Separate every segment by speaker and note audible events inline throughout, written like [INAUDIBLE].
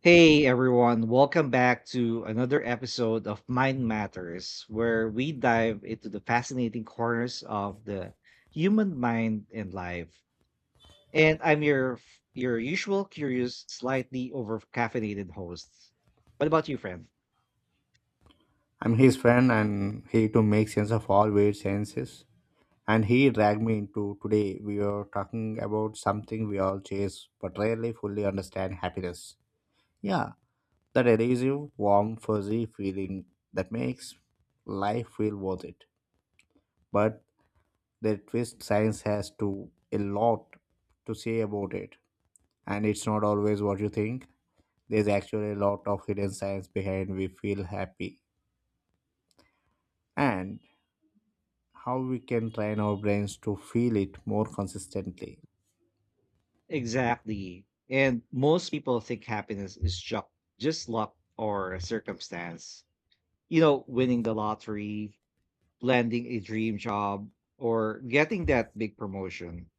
Speaker 1: Hey everyone, welcome back to another episode of Mind Matters, where we dive into the fascinating corners of the human mind and life. And I'm your usual curious, slightly over caffeinated host. What about you, friend?
Speaker 2: I'm his friend and he to make sense of all weird senses. And he dragged me into today. We were talking about something we all chase but rarely fully understand happiness. Yeah, that elusive, warm, fuzzy feeling that makes life feel worth it. But the twist science has to a lot to say about it. And it's not always what you think. There's actually a lot of hidden science behind we feel happy. And how we can train our brains to feel it more consistently.
Speaker 1: Exactly. And most people think happiness is just luck or a circumstance. You know, winning the lottery, landing a dream job, or getting that big promotion.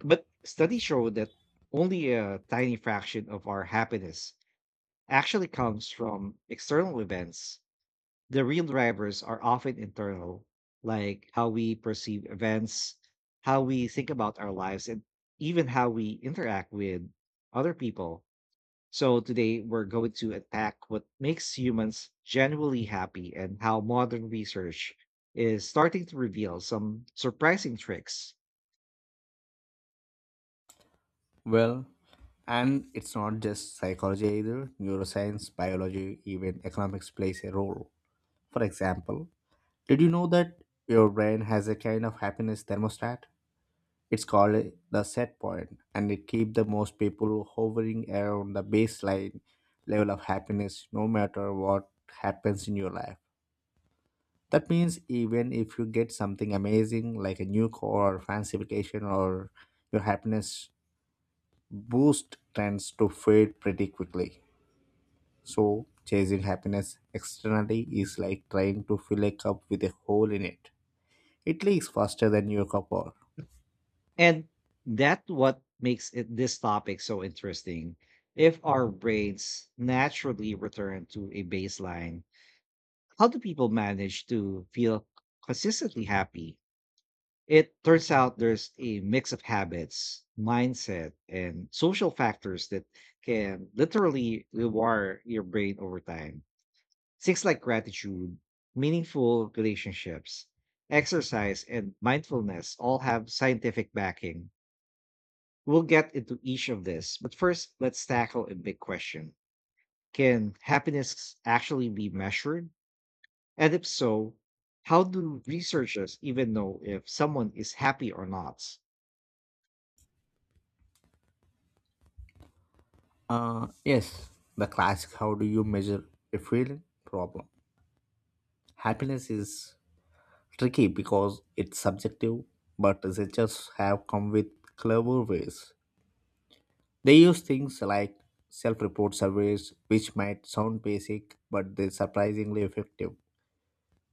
Speaker 1: But studies show that only a tiny fraction of our happiness actually comes from external events. The real drivers are often internal, like how we perceive events, how we think about our lives, and even how we interact with other people. So, today we're going to attack what makes humans genuinely happy and how modern research is starting to reveal some surprising tricks.
Speaker 2: Well, and it's not just psychology either, neuroscience, biology, even economics plays a role. For example, did you know that your brain has a kind of happiness thermostat? It's called the set point, and it keeps the most people hovering around the baseline level of happiness no matter what happens in your life. That means even if you get something amazing like a new car or fancy vacation or your happiness boost tends to fade pretty quickly. So chasing happiness externally is like trying to fill a cup with a hole in it. It leaks faster than your cup or
Speaker 1: And that what makes it this topic so interesting. If our brains naturally return to a baseline, how do people manage to feel consistently happy? It turns out there's a mix of habits, mindset, and social factors that can literally rewire your brain over time. Things like gratitude, meaningful relationships, exercise, and mindfulness all have scientific backing. We'll get into each of this, but first, let's tackle a big question. Can happiness actually be measured? And if so, how do researchers even know if someone is happy or not?
Speaker 2: Yes, the classic how do you measure a feeling problem. Happiness is tricky because it's subjective, but researchers have come with clever ways. They use things like self report surveys, which might sound basic, but they're surprisingly effective.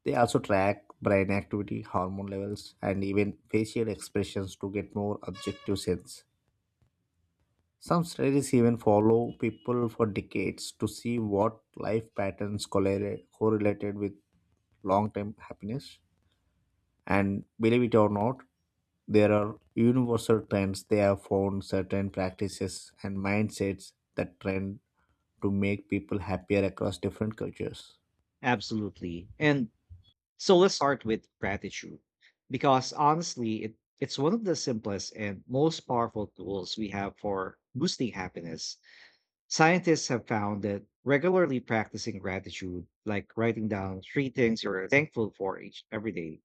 Speaker 2: They also track brain activity, hormone levels, and even facial expressions to get more objective sense. Some studies even follow people for decades to see what life patterns correlated with long term happiness. And believe it or not, there are universal trends. They have found certain practices and mindsets that trend to make people happier across different cultures.
Speaker 1: Absolutely. And so let's start with gratitude, because honestly, it's one of the simplest and most powerful tools we have for boosting happiness. Scientists have found that regularly practicing gratitude, like writing down three things you're thankful for each every day,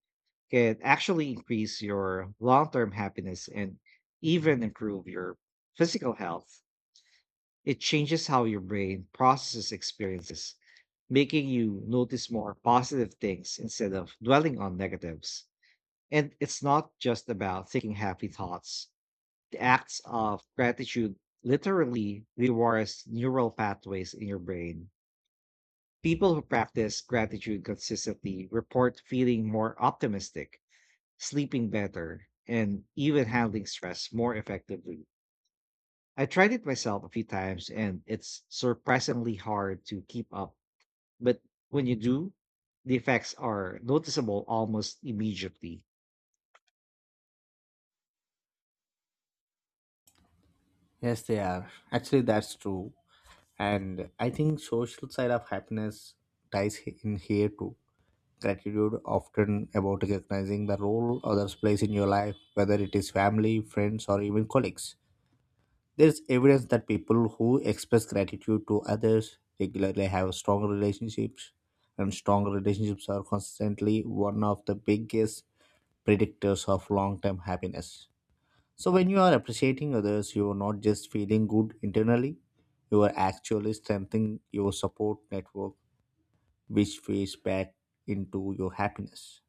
Speaker 1: can actually increase your long term happiness and even improve your physical health. It changes how your brain processes experiences, making you notice more positive things instead of dwelling on negatives. And it's not just about thinking happy thoughts, the acts of gratitude literally rewires neural pathways in your brain. People who practice gratitude consistently report feeling more optimistic, sleeping better, and even handling stress more effectively. I tried it myself a few times and it's surprisingly hard to keep up. But when you do, the effects are noticeable almost immediately.
Speaker 2: Yes, they are. Actually, that's true. And I think social side of happiness ties in here too. Gratitude often about recognizing the role others plays in your life, whether it is family, friends, or even colleagues. There is evidence that people who express gratitude to others regularly have strong relationships, and strong relationships are constantly one of the biggest predictors of long term happiness. So, when you are appreciating others, you are not just feeling good internally, you are actually strengthening your support network, which feeds back into your happiness.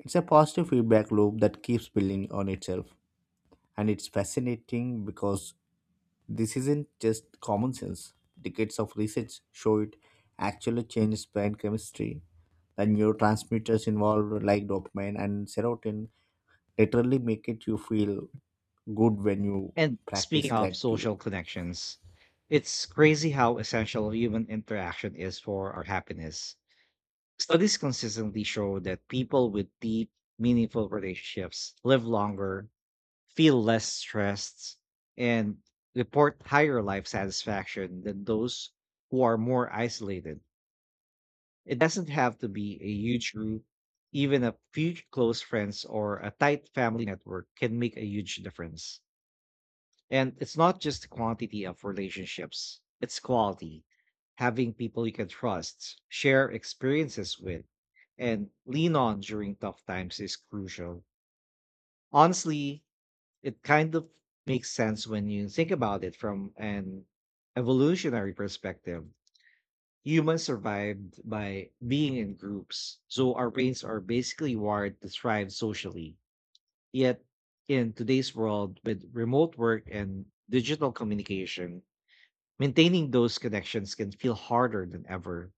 Speaker 2: It's a positive feedback loop that keeps building on itself, and it's fascinating because this isn't just common sense. Decades of research show it actually changes brain chemistry. The neurotransmitters involved, like dopamine and serotonin, literally make it you feel good when you
Speaker 1: And
Speaker 2: practice
Speaker 1: speaking of
Speaker 2: gratitude.
Speaker 1: social connections, it's crazy how essential human interaction is for our happiness. Studies consistently show that people with deep, meaningful relationships live longer, feel less stressed, and report higher life satisfaction than those who are more isolated. It doesn't have to be a huge group. Even a few close friends or a tight family network can make a huge difference. And it's not just the quantity of relationships, it's quality. Having people you can trust, share experiences with, and lean on during tough times is crucial. Honestly, it kind of makes sense when you think about it from an evolutionary perspective. Humans survived by being in groups, so our brains are basically wired to thrive socially. Yet, in today's world, with remote work and digital communication, maintaining those connections can feel harder than ever.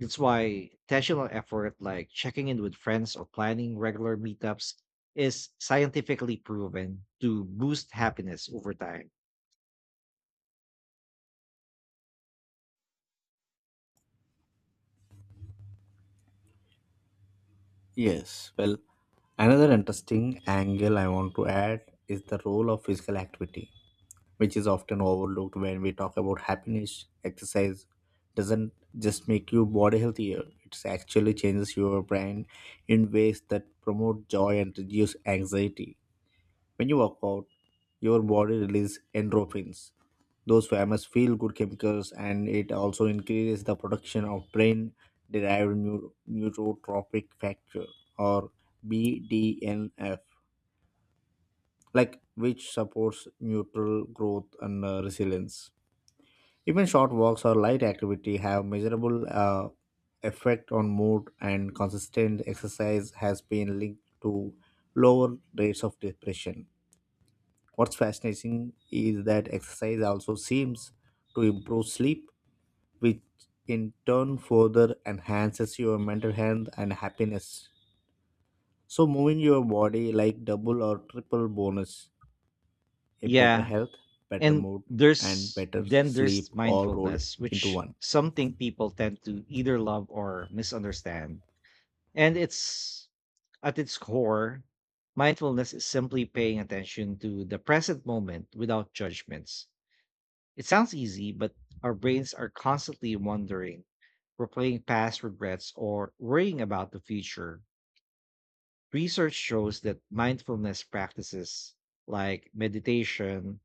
Speaker 1: That's why intentional effort like checking in with friends or planning regular meetups is scientifically proven to boost happiness over time.
Speaker 2: Yes, well, another interesting angle I want to add is the role of physical activity, which is often overlooked when we talk about happiness. Exercise doesn't just make your body healthier, it actually changes your brain in ways that promote joy and reduce anxiety. When you work out, your body releases endorphins, those famous feel good chemicals, and it also increases the production of brain derived neurotropic factor or BDNF, like which supports neutral growth and resilience. Even short walks or light activity have measurable effect on mood, and consistent exercise has been linked to lower rates of depression. What's fascinating is that exercise also seems to improve sleep, which in turn further enhances your mental health and happiness. So, moving your body like double or triple bonus, a better
Speaker 1: Yeah.
Speaker 2: health, better
Speaker 1: And
Speaker 2: mood, and
Speaker 1: there's
Speaker 2: better
Speaker 1: then there's
Speaker 2: sleep all rolled
Speaker 1: mindfulness,
Speaker 2: into
Speaker 1: which
Speaker 2: one.
Speaker 1: something people tend to either love or misunderstand. And it's at its core, mindfulness is simply paying attention to the present moment without judgments. It sounds easy, but our brains are constantly wondering, replaying past regrets, or worrying about the future. Research shows that mindfulness practices like meditation,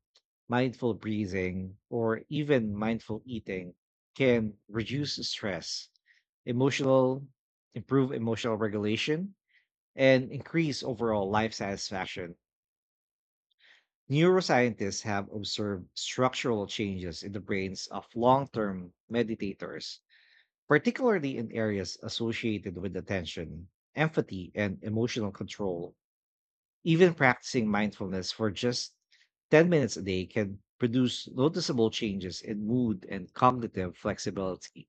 Speaker 1: mindful breathing, or even mindful eating can reduce stress, emotional, improve emotional regulation, and increase overall life satisfaction. Neuroscientists have observed structural changes in the brains of long term meditators, particularly in areas associated with attention, empathy, and emotional control. Even practicing mindfulness for just 10 minutes a day can produce noticeable changes in mood and cognitive flexibility.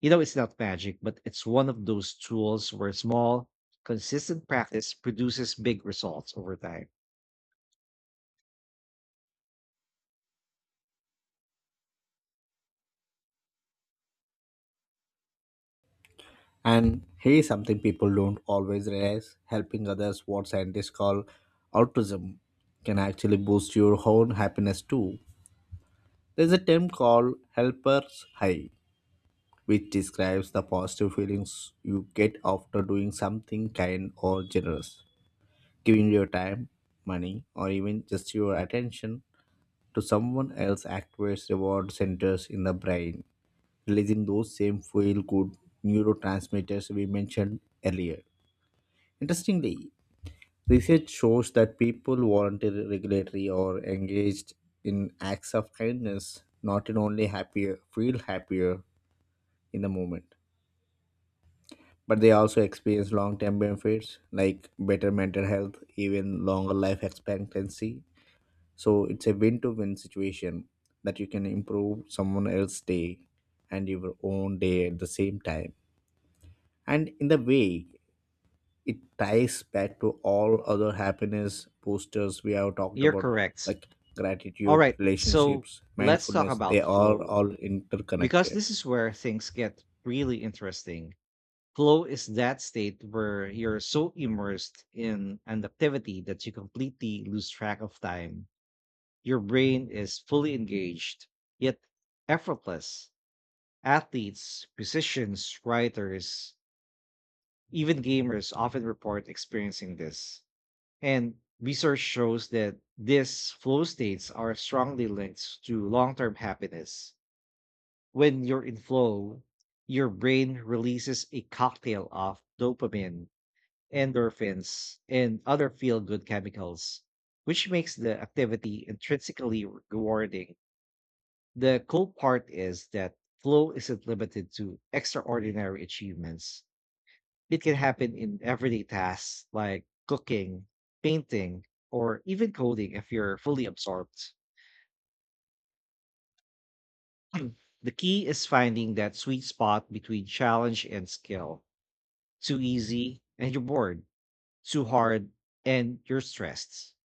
Speaker 1: You know, it's not magic, but it's one of those tools where small, consistent practice produces big results over time.
Speaker 2: And here's something people don't always realize helping others, what scientists call altruism, can actually boost your own happiness too. There's a term called helper's high, which describes the positive feelings you get after doing something kind or generous. Giving your time, money, or even just your attention to someone else activates reward centers in the brain, releasing those same feel good neurotransmitters we mentioned earlier. Interestingly, research shows that people voluntarily regulatory or engaged in acts of kindness not in only happier feel happier in the moment, but they also experience long term benefits like better mental health, even longer life expectancy. So it's a win to win situation that you can improve someone else's day and your own day at the same time. And in the way, it ties back to all other happiness boosters we have talked
Speaker 1: You're
Speaker 2: about
Speaker 1: correct.
Speaker 2: like
Speaker 1: All
Speaker 2: gratitude
Speaker 1: right, so
Speaker 2: relationships
Speaker 1: let's talk
Speaker 2: mindfulness they
Speaker 1: about
Speaker 2: are
Speaker 1: flow,
Speaker 2: all
Speaker 1: because
Speaker 2: interconnected
Speaker 1: this is where things get really interesting. Flow is that state where you're so immersed in an activity that you completely lose track of time. Your brain is fully engaged, yet effortless. Athletes, musicians, writers, even gamers often report experiencing this. And research shows that these flow states are strongly linked to long term happiness. When you're in flow, your brain releases a cocktail of dopamine, endorphins, and other feel good chemicals, which makes the activity intrinsically rewarding. The cool part is that flow isn't limited to extraordinary achievements, it can happen in everyday tasks like cooking, painting, or even coding if you're fully absorbed. [CLEARS THROAT] The key is finding that sweet spot between challenge and skill. Too easy and you're bored, too hard and you're stressed.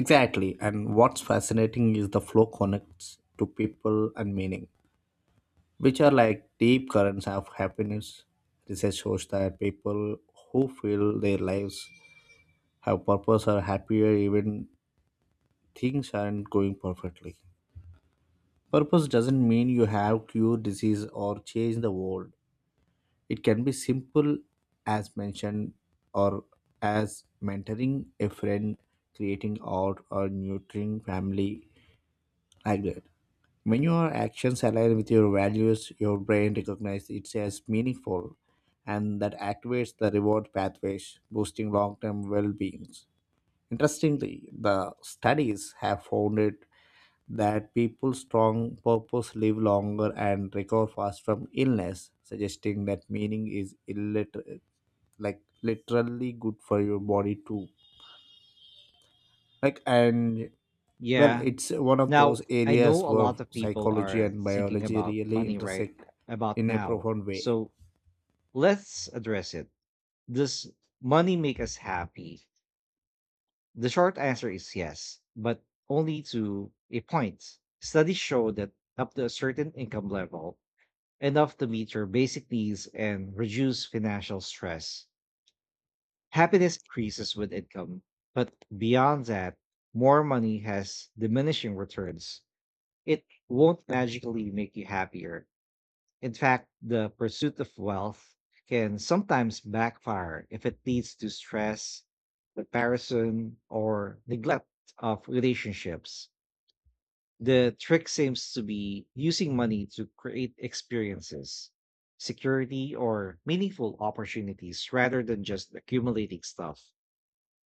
Speaker 2: exactly and what's fascinating is the flow connects to people and meaning which are like deep currents of happiness research shows that people who feel their lives have purpose are happier even things aren't going perfectly. Purpose doesn't mean you have cure disease or change the world. It can be simple as mentioned or as mentoring a friend, creating art, or nurturing family like that. When your actions align with your values, your brain recognizes it as meaningful and that activates the reward pathways, boosting long term well being. Interestingly, the studies have found it that people strong purpose live longer and recover fast from illness, suggesting that meaning is like literally good for your body too. And well,
Speaker 1: Yeah.
Speaker 2: it's one of
Speaker 1: Now,
Speaker 2: those
Speaker 1: I know
Speaker 2: areas
Speaker 1: a
Speaker 2: where
Speaker 1: lot of people
Speaker 2: psychology
Speaker 1: are
Speaker 2: and
Speaker 1: thinking
Speaker 2: biology
Speaker 1: about
Speaker 2: really
Speaker 1: money right
Speaker 2: intersect
Speaker 1: about
Speaker 2: in a
Speaker 1: now.
Speaker 2: profound way.
Speaker 1: So let's address it. Does money make us happy? The short answer is yes, but only to a point. Studies show that up to a certain income level, enough to meet your basic needs and reduce financial stress, happiness increases with income, but beyond that, more money has diminishing returns. It won't magically make you happier. In fact, the pursuit of wealth can sometimes backfire if it leads to stress, comparison, or neglect of relationships. The trick seems to be using money to create experiences, security, or meaningful opportunities rather than just accumulating stuff.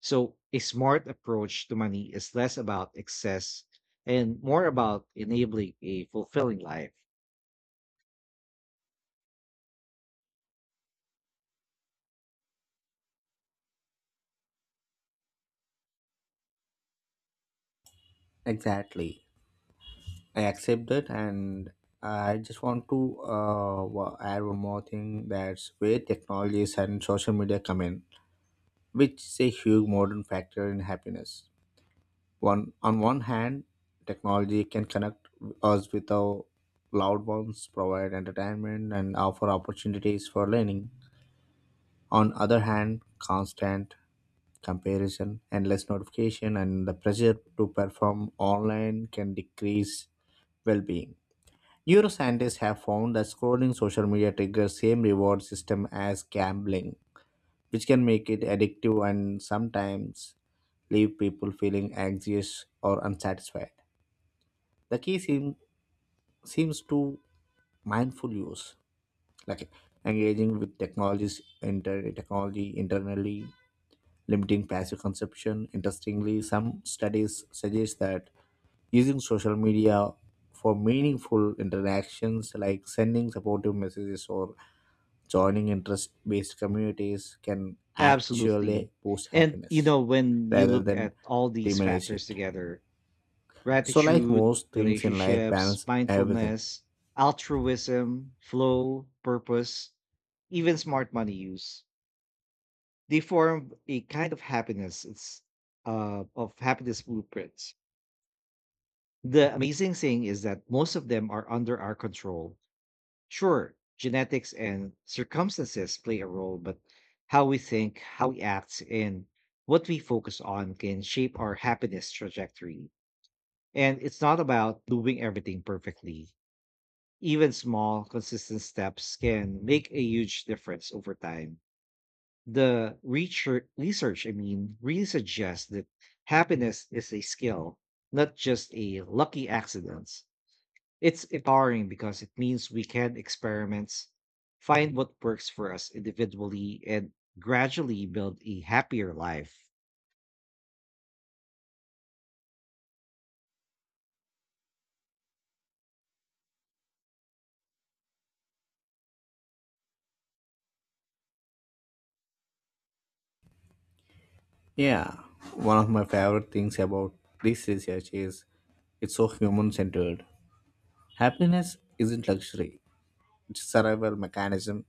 Speaker 1: So, a smart approach to money is less about excess and more about enabling a fulfilling life.
Speaker 2: Exactly. I accept that, and I just want to add one more thing. That's where technologies and social media come in, which is a huge modern factor in happiness. One on one hand, technology can connect us with our loved ones, provide entertainment, and offer opportunities for learning. On other hand, constant comparison, endless notification, and the pressure to perform online can decrease well-being. Neuroscientists have found that scrolling social media triggers same reward system as gambling, which can make it addictive and sometimes leave people feeling anxious or unsatisfied. The key seems to mindful use, like engaging with technology internally, limiting passive consumption. Interestingly, some studies suggest that using social media for meaningful interactions like sending supportive messages or joining interest based communities can actually
Speaker 1: Absolutely.
Speaker 2: boost
Speaker 1: And, you
Speaker 2: happiness
Speaker 1: know, when you
Speaker 2: rather
Speaker 1: look
Speaker 2: than
Speaker 1: at all these
Speaker 2: diminish
Speaker 1: factors
Speaker 2: it.
Speaker 1: together,
Speaker 2: So, like
Speaker 1: gratitude,
Speaker 2: most things in life,
Speaker 1: relationships,
Speaker 2: balance everything.
Speaker 1: mindfulness, altruism, flow, purpose, even smart money use, they form a kind of happiness. It's of happiness blueprints. The amazing thing is that most of them are under our control. Sure, genetics and circumstances play a role, but how we think, how we act, and what we focus on can shape our happiness trajectory. And it's not about doing everything perfectly. Even small, consistent steps can make a huge difference over time. The research, I mean, really suggests that happiness is a skill, not just a lucky accident. It's empowering because it means we can experiment, find what works for us individually, and gradually build a happier life.
Speaker 2: Yeah, one of my favorite things about this research is it's so human centered. Happiness isn't luxury, it's a survival mechanism,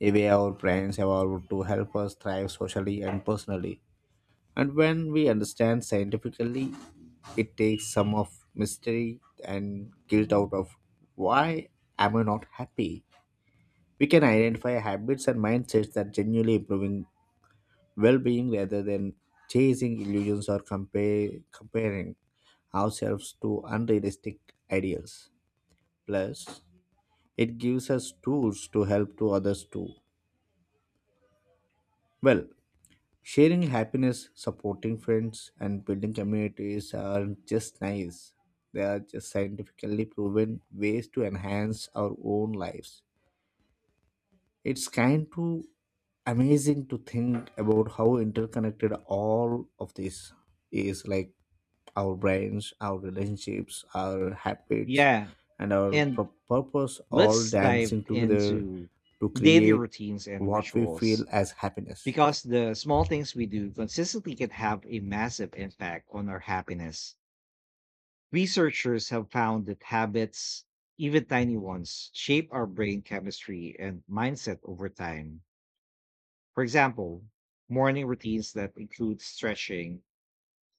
Speaker 2: a way our brains evolved to help us thrive socially and personally. And when we understand scientifically, it takes some of mystery and guilt out of why am I not happy? We can identify habits and mindsets that genuinely improving well-being rather than chasing illusions or comparing ourselves to unrealistic ideals. Plus, it gives us tools to help to others too. Well, sharing happiness, supporting friends, and building communities are just nice. They are just scientifically proven ways to enhance our own lives. It's kind of amazing to think about how interconnected all of this is like our brains, our relationships, our habits,
Speaker 1: Yeah.
Speaker 2: and our
Speaker 1: And
Speaker 2: purpose all
Speaker 1: let's dive
Speaker 2: dancing together
Speaker 1: into
Speaker 2: to
Speaker 1: daily
Speaker 2: create
Speaker 1: routines and
Speaker 2: what we feel
Speaker 1: rituals
Speaker 2: as happiness.
Speaker 1: because the small things we do consistently can have a massive impact on our happiness. Researchers have found that habits, even tiny ones, shape our brain chemistry and mindset over time. For example, morning routines that include stretching,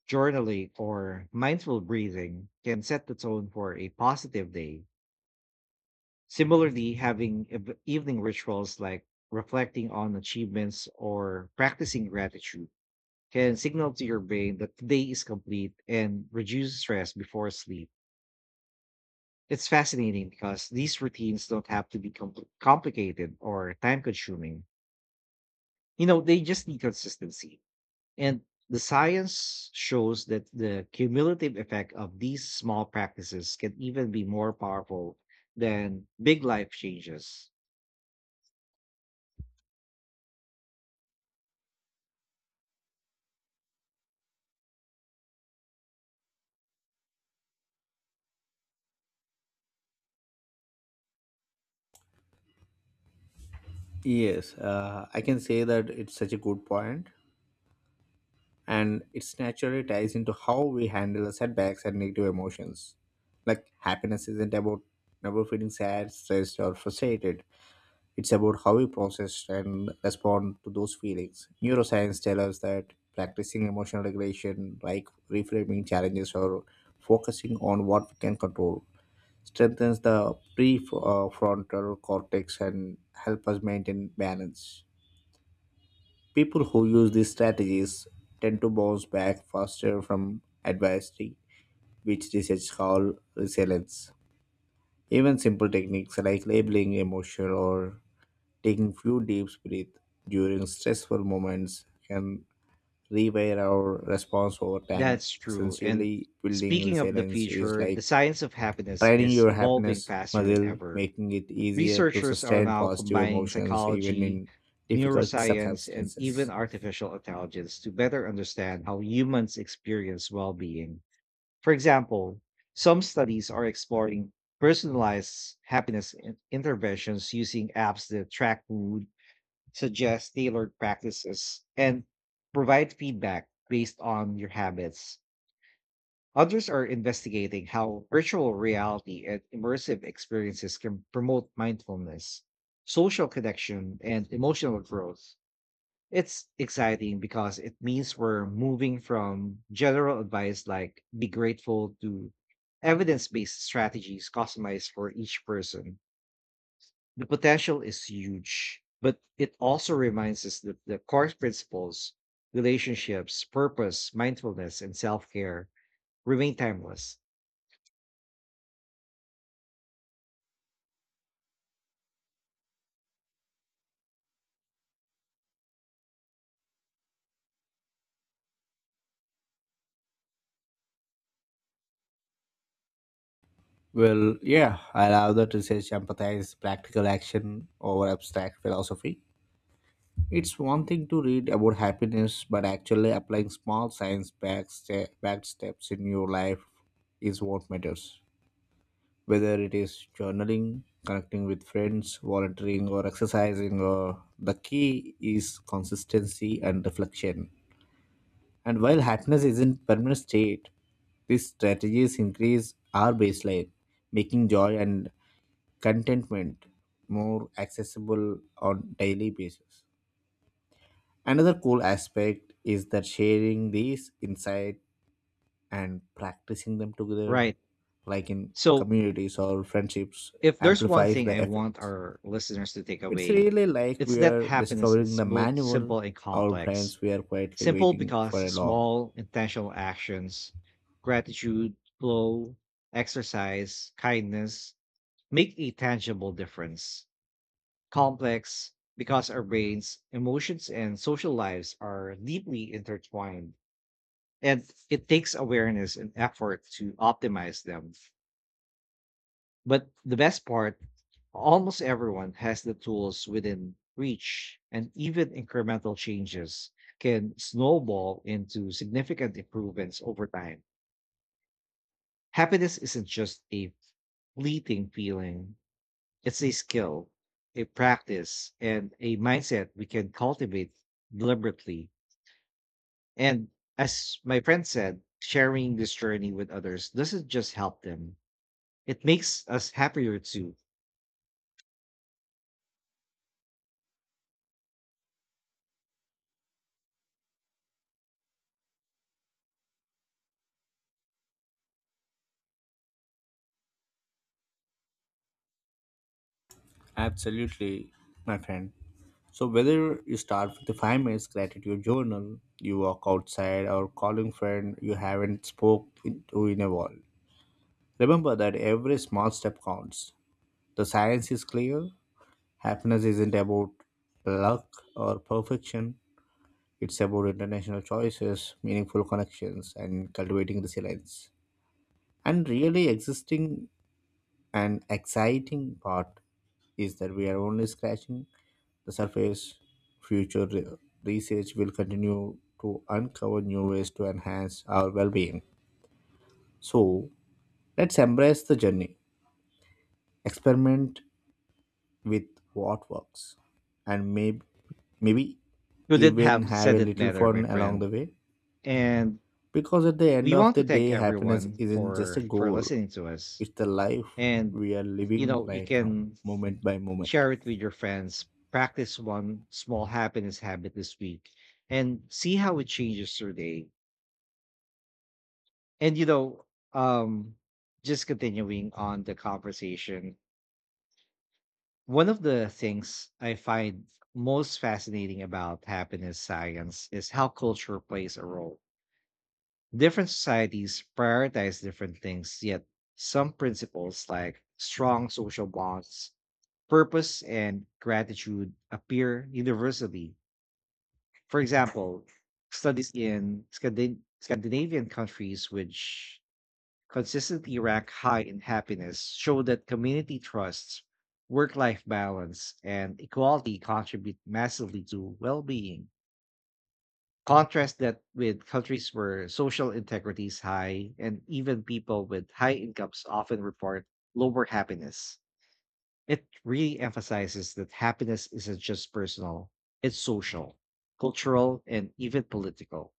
Speaker 1: journaling, or mindful breathing can set the tone for a positive day. Similarly, having evening rituals like reflecting on achievements or practicing gratitude can signal to your brain that the day is complete and reduce stress before sleep. It's fascinating because these routines don't have to be complicated or time consuming. You know, they just need consistency. And the science shows that the cumulative effect of these small practices can even be more powerful than big life changes.
Speaker 2: Yes, I can say that it's such a good point, and it's naturally ties into how we handle setbacks and negative emotions. Like happiness isn't about never feeling sad, stressed, or frustrated. It's about how we process and respond to those feelings. Neuroscience tells us that practicing emotional regulation, like reframing challenges or focusing on what we can control, strengthens the prefrontal cortex and help us maintain balance. People who use these strategies tend to bounce back faster from adversity, which research call resilience. Even simple techniques like labeling emotion or taking few deep breaths during stressful moments can rewire our response over time.
Speaker 1: That's true. And
Speaker 2: Essentially, building
Speaker 1: speaking of the
Speaker 2: resilience is
Speaker 1: future, the
Speaker 2: like
Speaker 1: science of happiness
Speaker 2: training
Speaker 1: is
Speaker 2: your
Speaker 1: evolving
Speaker 2: happiness
Speaker 1: faster than
Speaker 2: muscle,
Speaker 1: ever.
Speaker 2: making it easier to
Speaker 1: Researchers are
Speaker 2: sustain
Speaker 1: now
Speaker 2: positive
Speaker 1: combining
Speaker 2: emotions even
Speaker 1: psychology,
Speaker 2: in difficult
Speaker 1: neuroscience, and even
Speaker 2: circumstances.
Speaker 1: artificial intelligence to better understand how humans experience well being. For example, some studies are exploring personalized happiness interventions using apps that track mood, suggest tailored practices, and provide feedback based on your habits. Others are investigating how virtual reality and immersive experiences can promote mindfulness, social connection, and emotional growth. It's exciting because it means we're moving from general advice like be grateful to evidence based strategies customized for each person. The potential is huge, but it also reminds us that the core principles, relationships, purpose, mindfulness, and self care remain timeless.
Speaker 2: Well, yeah, I love that research empathize practical action over abstract philosophy. It's one thing to read about happiness, but actually applying small back steps in your life is what matters. Whether it is journaling, connecting with friends, volunteering, or exercising, or the key is consistency and reflection. And while happiness isn't permanent state, these strategies increase our baseline, making joy and contentment more accessible on daily basis. Another cool aspect is that sharing these insight and practicing them together
Speaker 1: Right.
Speaker 2: like in
Speaker 1: So,
Speaker 2: communities or friendships
Speaker 1: if there's one
Speaker 2: amplifies
Speaker 1: thing
Speaker 2: the
Speaker 1: I want
Speaker 2: effects.
Speaker 1: our listeners to take
Speaker 2: It's
Speaker 1: away,
Speaker 2: really like
Speaker 1: it's
Speaker 2: we
Speaker 1: that
Speaker 2: are
Speaker 1: happiness
Speaker 2: discovering
Speaker 1: is
Speaker 2: the
Speaker 1: both
Speaker 2: manual
Speaker 1: simple and
Speaker 2: our
Speaker 1: complex.
Speaker 2: brains were quietly
Speaker 1: Simple
Speaker 2: waiting
Speaker 1: because
Speaker 2: for a long.
Speaker 1: small intentional actions, gratitude, flow, exercise, kindness make a tangible difference. Complex because our brains, emotions, and social lives are deeply intertwined, and it takes awareness and effort to optimize them. But the best part, almost everyone has the tools within reach, and even incremental changes can snowball into significant improvements over time. Happiness isn't just a fleeting feeling, it's a skill, a practice, and a mindset we can cultivate deliberately. And as my friend said, sharing this journey with others doesn't just help them, it makes us happier too.
Speaker 2: Absolutely, my friend. So whether you start with the 5 minutes gratitude journal, you walk outside or calling friend you haven't to in a while. Remember that every small step counts. The science is clear. Happiness isn't about luck or perfection. It's about international choices, meaningful connections, and cultivating resilience. And really existing and exciting part is that we are only scratching the surface, future re- research will continue to uncover new ways to enhance our well being. So, let's embrace the journey, experiment with what works, and maybe
Speaker 1: Couldn't
Speaker 2: even
Speaker 1: have
Speaker 2: have
Speaker 1: said
Speaker 2: a
Speaker 1: it
Speaker 2: little
Speaker 1: better, my
Speaker 2: fun along
Speaker 1: friend.
Speaker 2: the way.
Speaker 1: And
Speaker 2: Because at the end
Speaker 1: we
Speaker 2: of
Speaker 1: want to
Speaker 2: the
Speaker 1: thank
Speaker 2: day, happiness
Speaker 1: everyone
Speaker 2: isn't just
Speaker 1: for
Speaker 2: a
Speaker 1: for
Speaker 2: goal,
Speaker 1: listening to us.
Speaker 2: it's the life
Speaker 1: And
Speaker 2: we are
Speaker 1: you
Speaker 2: living
Speaker 1: know, you
Speaker 2: right now,
Speaker 1: can
Speaker 2: moment by moment.
Speaker 1: share it with your friends, practice one small happiness habit this week and see how it changes your day. And you know, um just continuing on the conversation, one of the things I find most fascinating about happiness science is how culture plays a role. Different societies prioritize different things, yet some principles like strong social bonds, purpose, and gratitude appear universally. For example, studies in Scandinavian countries, which consistently rank high in happiness, show that community trusts, work life balance, and equality contribute massively to well being. Contrast that with countries where social integrity is high and even people with high incomes often report lower happiness. It really emphasizes that happiness isn't just personal, it's social, cultural, and even political.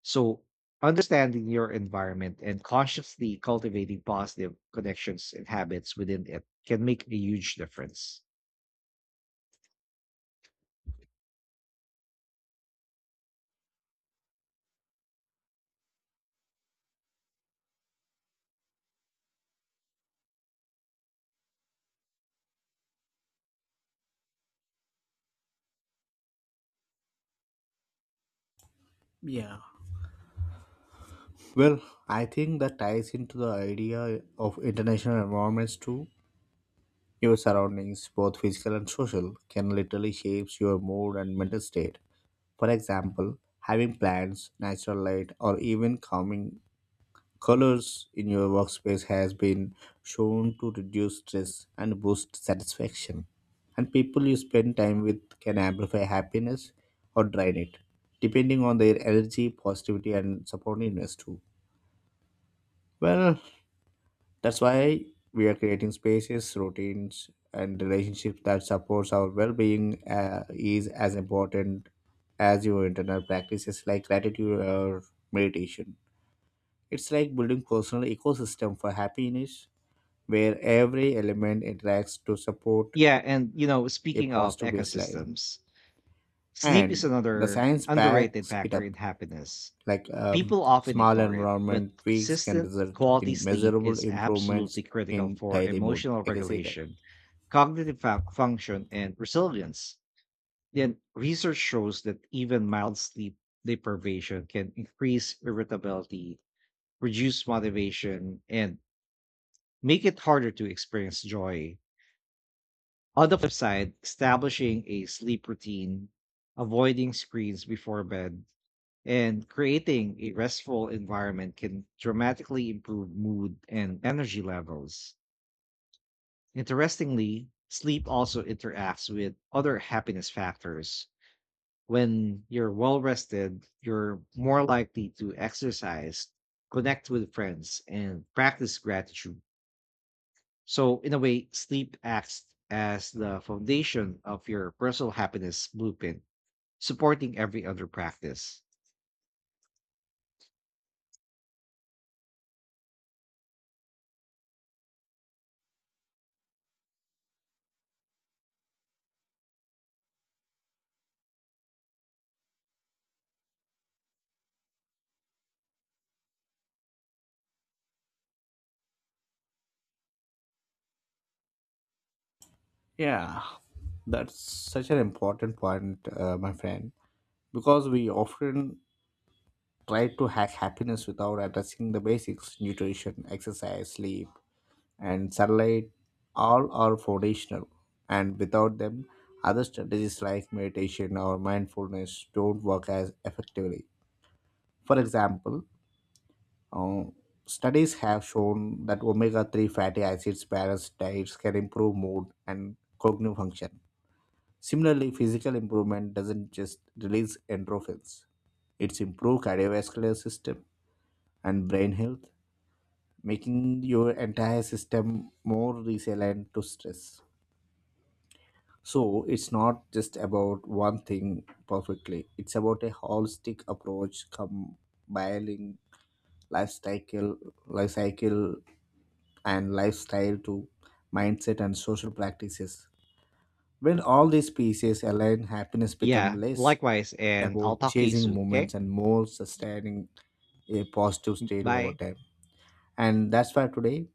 Speaker 1: So, understanding your environment and consciously cultivating positive connections and habits within it can make a huge difference.
Speaker 2: Yeah. Well, I think that ties into the idea of international environments too. Your surroundings, both physical and social, can literally shape your mood and mental state. For example, having plants, natural light, or even calming colors in your workspace has been shown to reduce stress and boost satisfaction. And people you spend time with can amplify happiness or drain it, depending on their energy, positivity, and supportiveness too. Well, that's why we are creating spaces, routines, and relationships that supports our well-being is as important as your internal practices like gratitude or meditation. It's like building personal ecosystem for happiness where every element interacts to support
Speaker 1: Yeah, and you know,
Speaker 2: a
Speaker 1: speaking of
Speaker 2: positive baseline.
Speaker 1: ecosystems, sleep is
Speaker 2: And the
Speaker 1: another
Speaker 2: science
Speaker 1: underrated
Speaker 2: backs it
Speaker 1: factor in
Speaker 2: up.
Speaker 1: happiness.
Speaker 2: Like um,
Speaker 1: People often
Speaker 2: small
Speaker 1: ignore it, but
Speaker 2: environment tweaks can
Speaker 1: consistent
Speaker 2: result
Speaker 1: quality
Speaker 2: in
Speaker 1: sleep
Speaker 2: measurable
Speaker 1: is
Speaker 2: improvements
Speaker 1: absolutely critical
Speaker 2: in
Speaker 1: for
Speaker 2: daily mood.
Speaker 1: emotional
Speaker 2: I can say that.
Speaker 1: regulation, cognitive function, and resilience. Then research shows that even mild sleep deprivation can increase irritability, reduce motivation, and make it harder to experience joy. On the flip side, establishing a sleep routine, avoiding screens before bed, and creating a restful environment can dramatically improve mood and energy levels. Interestingly, sleep also interacts with other happiness factors. When you're well rested, you're more likely to exercise, connect with friends, and practice gratitude. So, in a way, sleep acts as the foundation of your personal happiness blueprint, supporting every other practice.
Speaker 2: Yeah, that's such an important point, my friend, because we often try to hack happiness without addressing the basics nutrition, exercise, sleep, and sunlight. All are foundational, and without them, other strategies like meditation or mindfulness don't work as effectively. For example, uh, studies have shown that omega 3 fatty acids balanced diets can improve mood and cognitive function. Similarly, physical improvement doesn't just release endorphins. It's improve cardiovascular system and brain health, making your entire system more resilient to stress. So it's not just about one thing perfectly. It's about a holistic approach combining lifestyle, life cycle lifestyle to mindset and social practices. When all these pieces align, happiness become
Speaker 1: Yeah,
Speaker 2: less
Speaker 1: likewise. And I'll
Speaker 2: about
Speaker 1: talk to you
Speaker 2: chasing
Speaker 1: soon. Okay.
Speaker 2: moments and more sustaining a positive state over
Speaker 1: Bye.
Speaker 2: time. And that's why today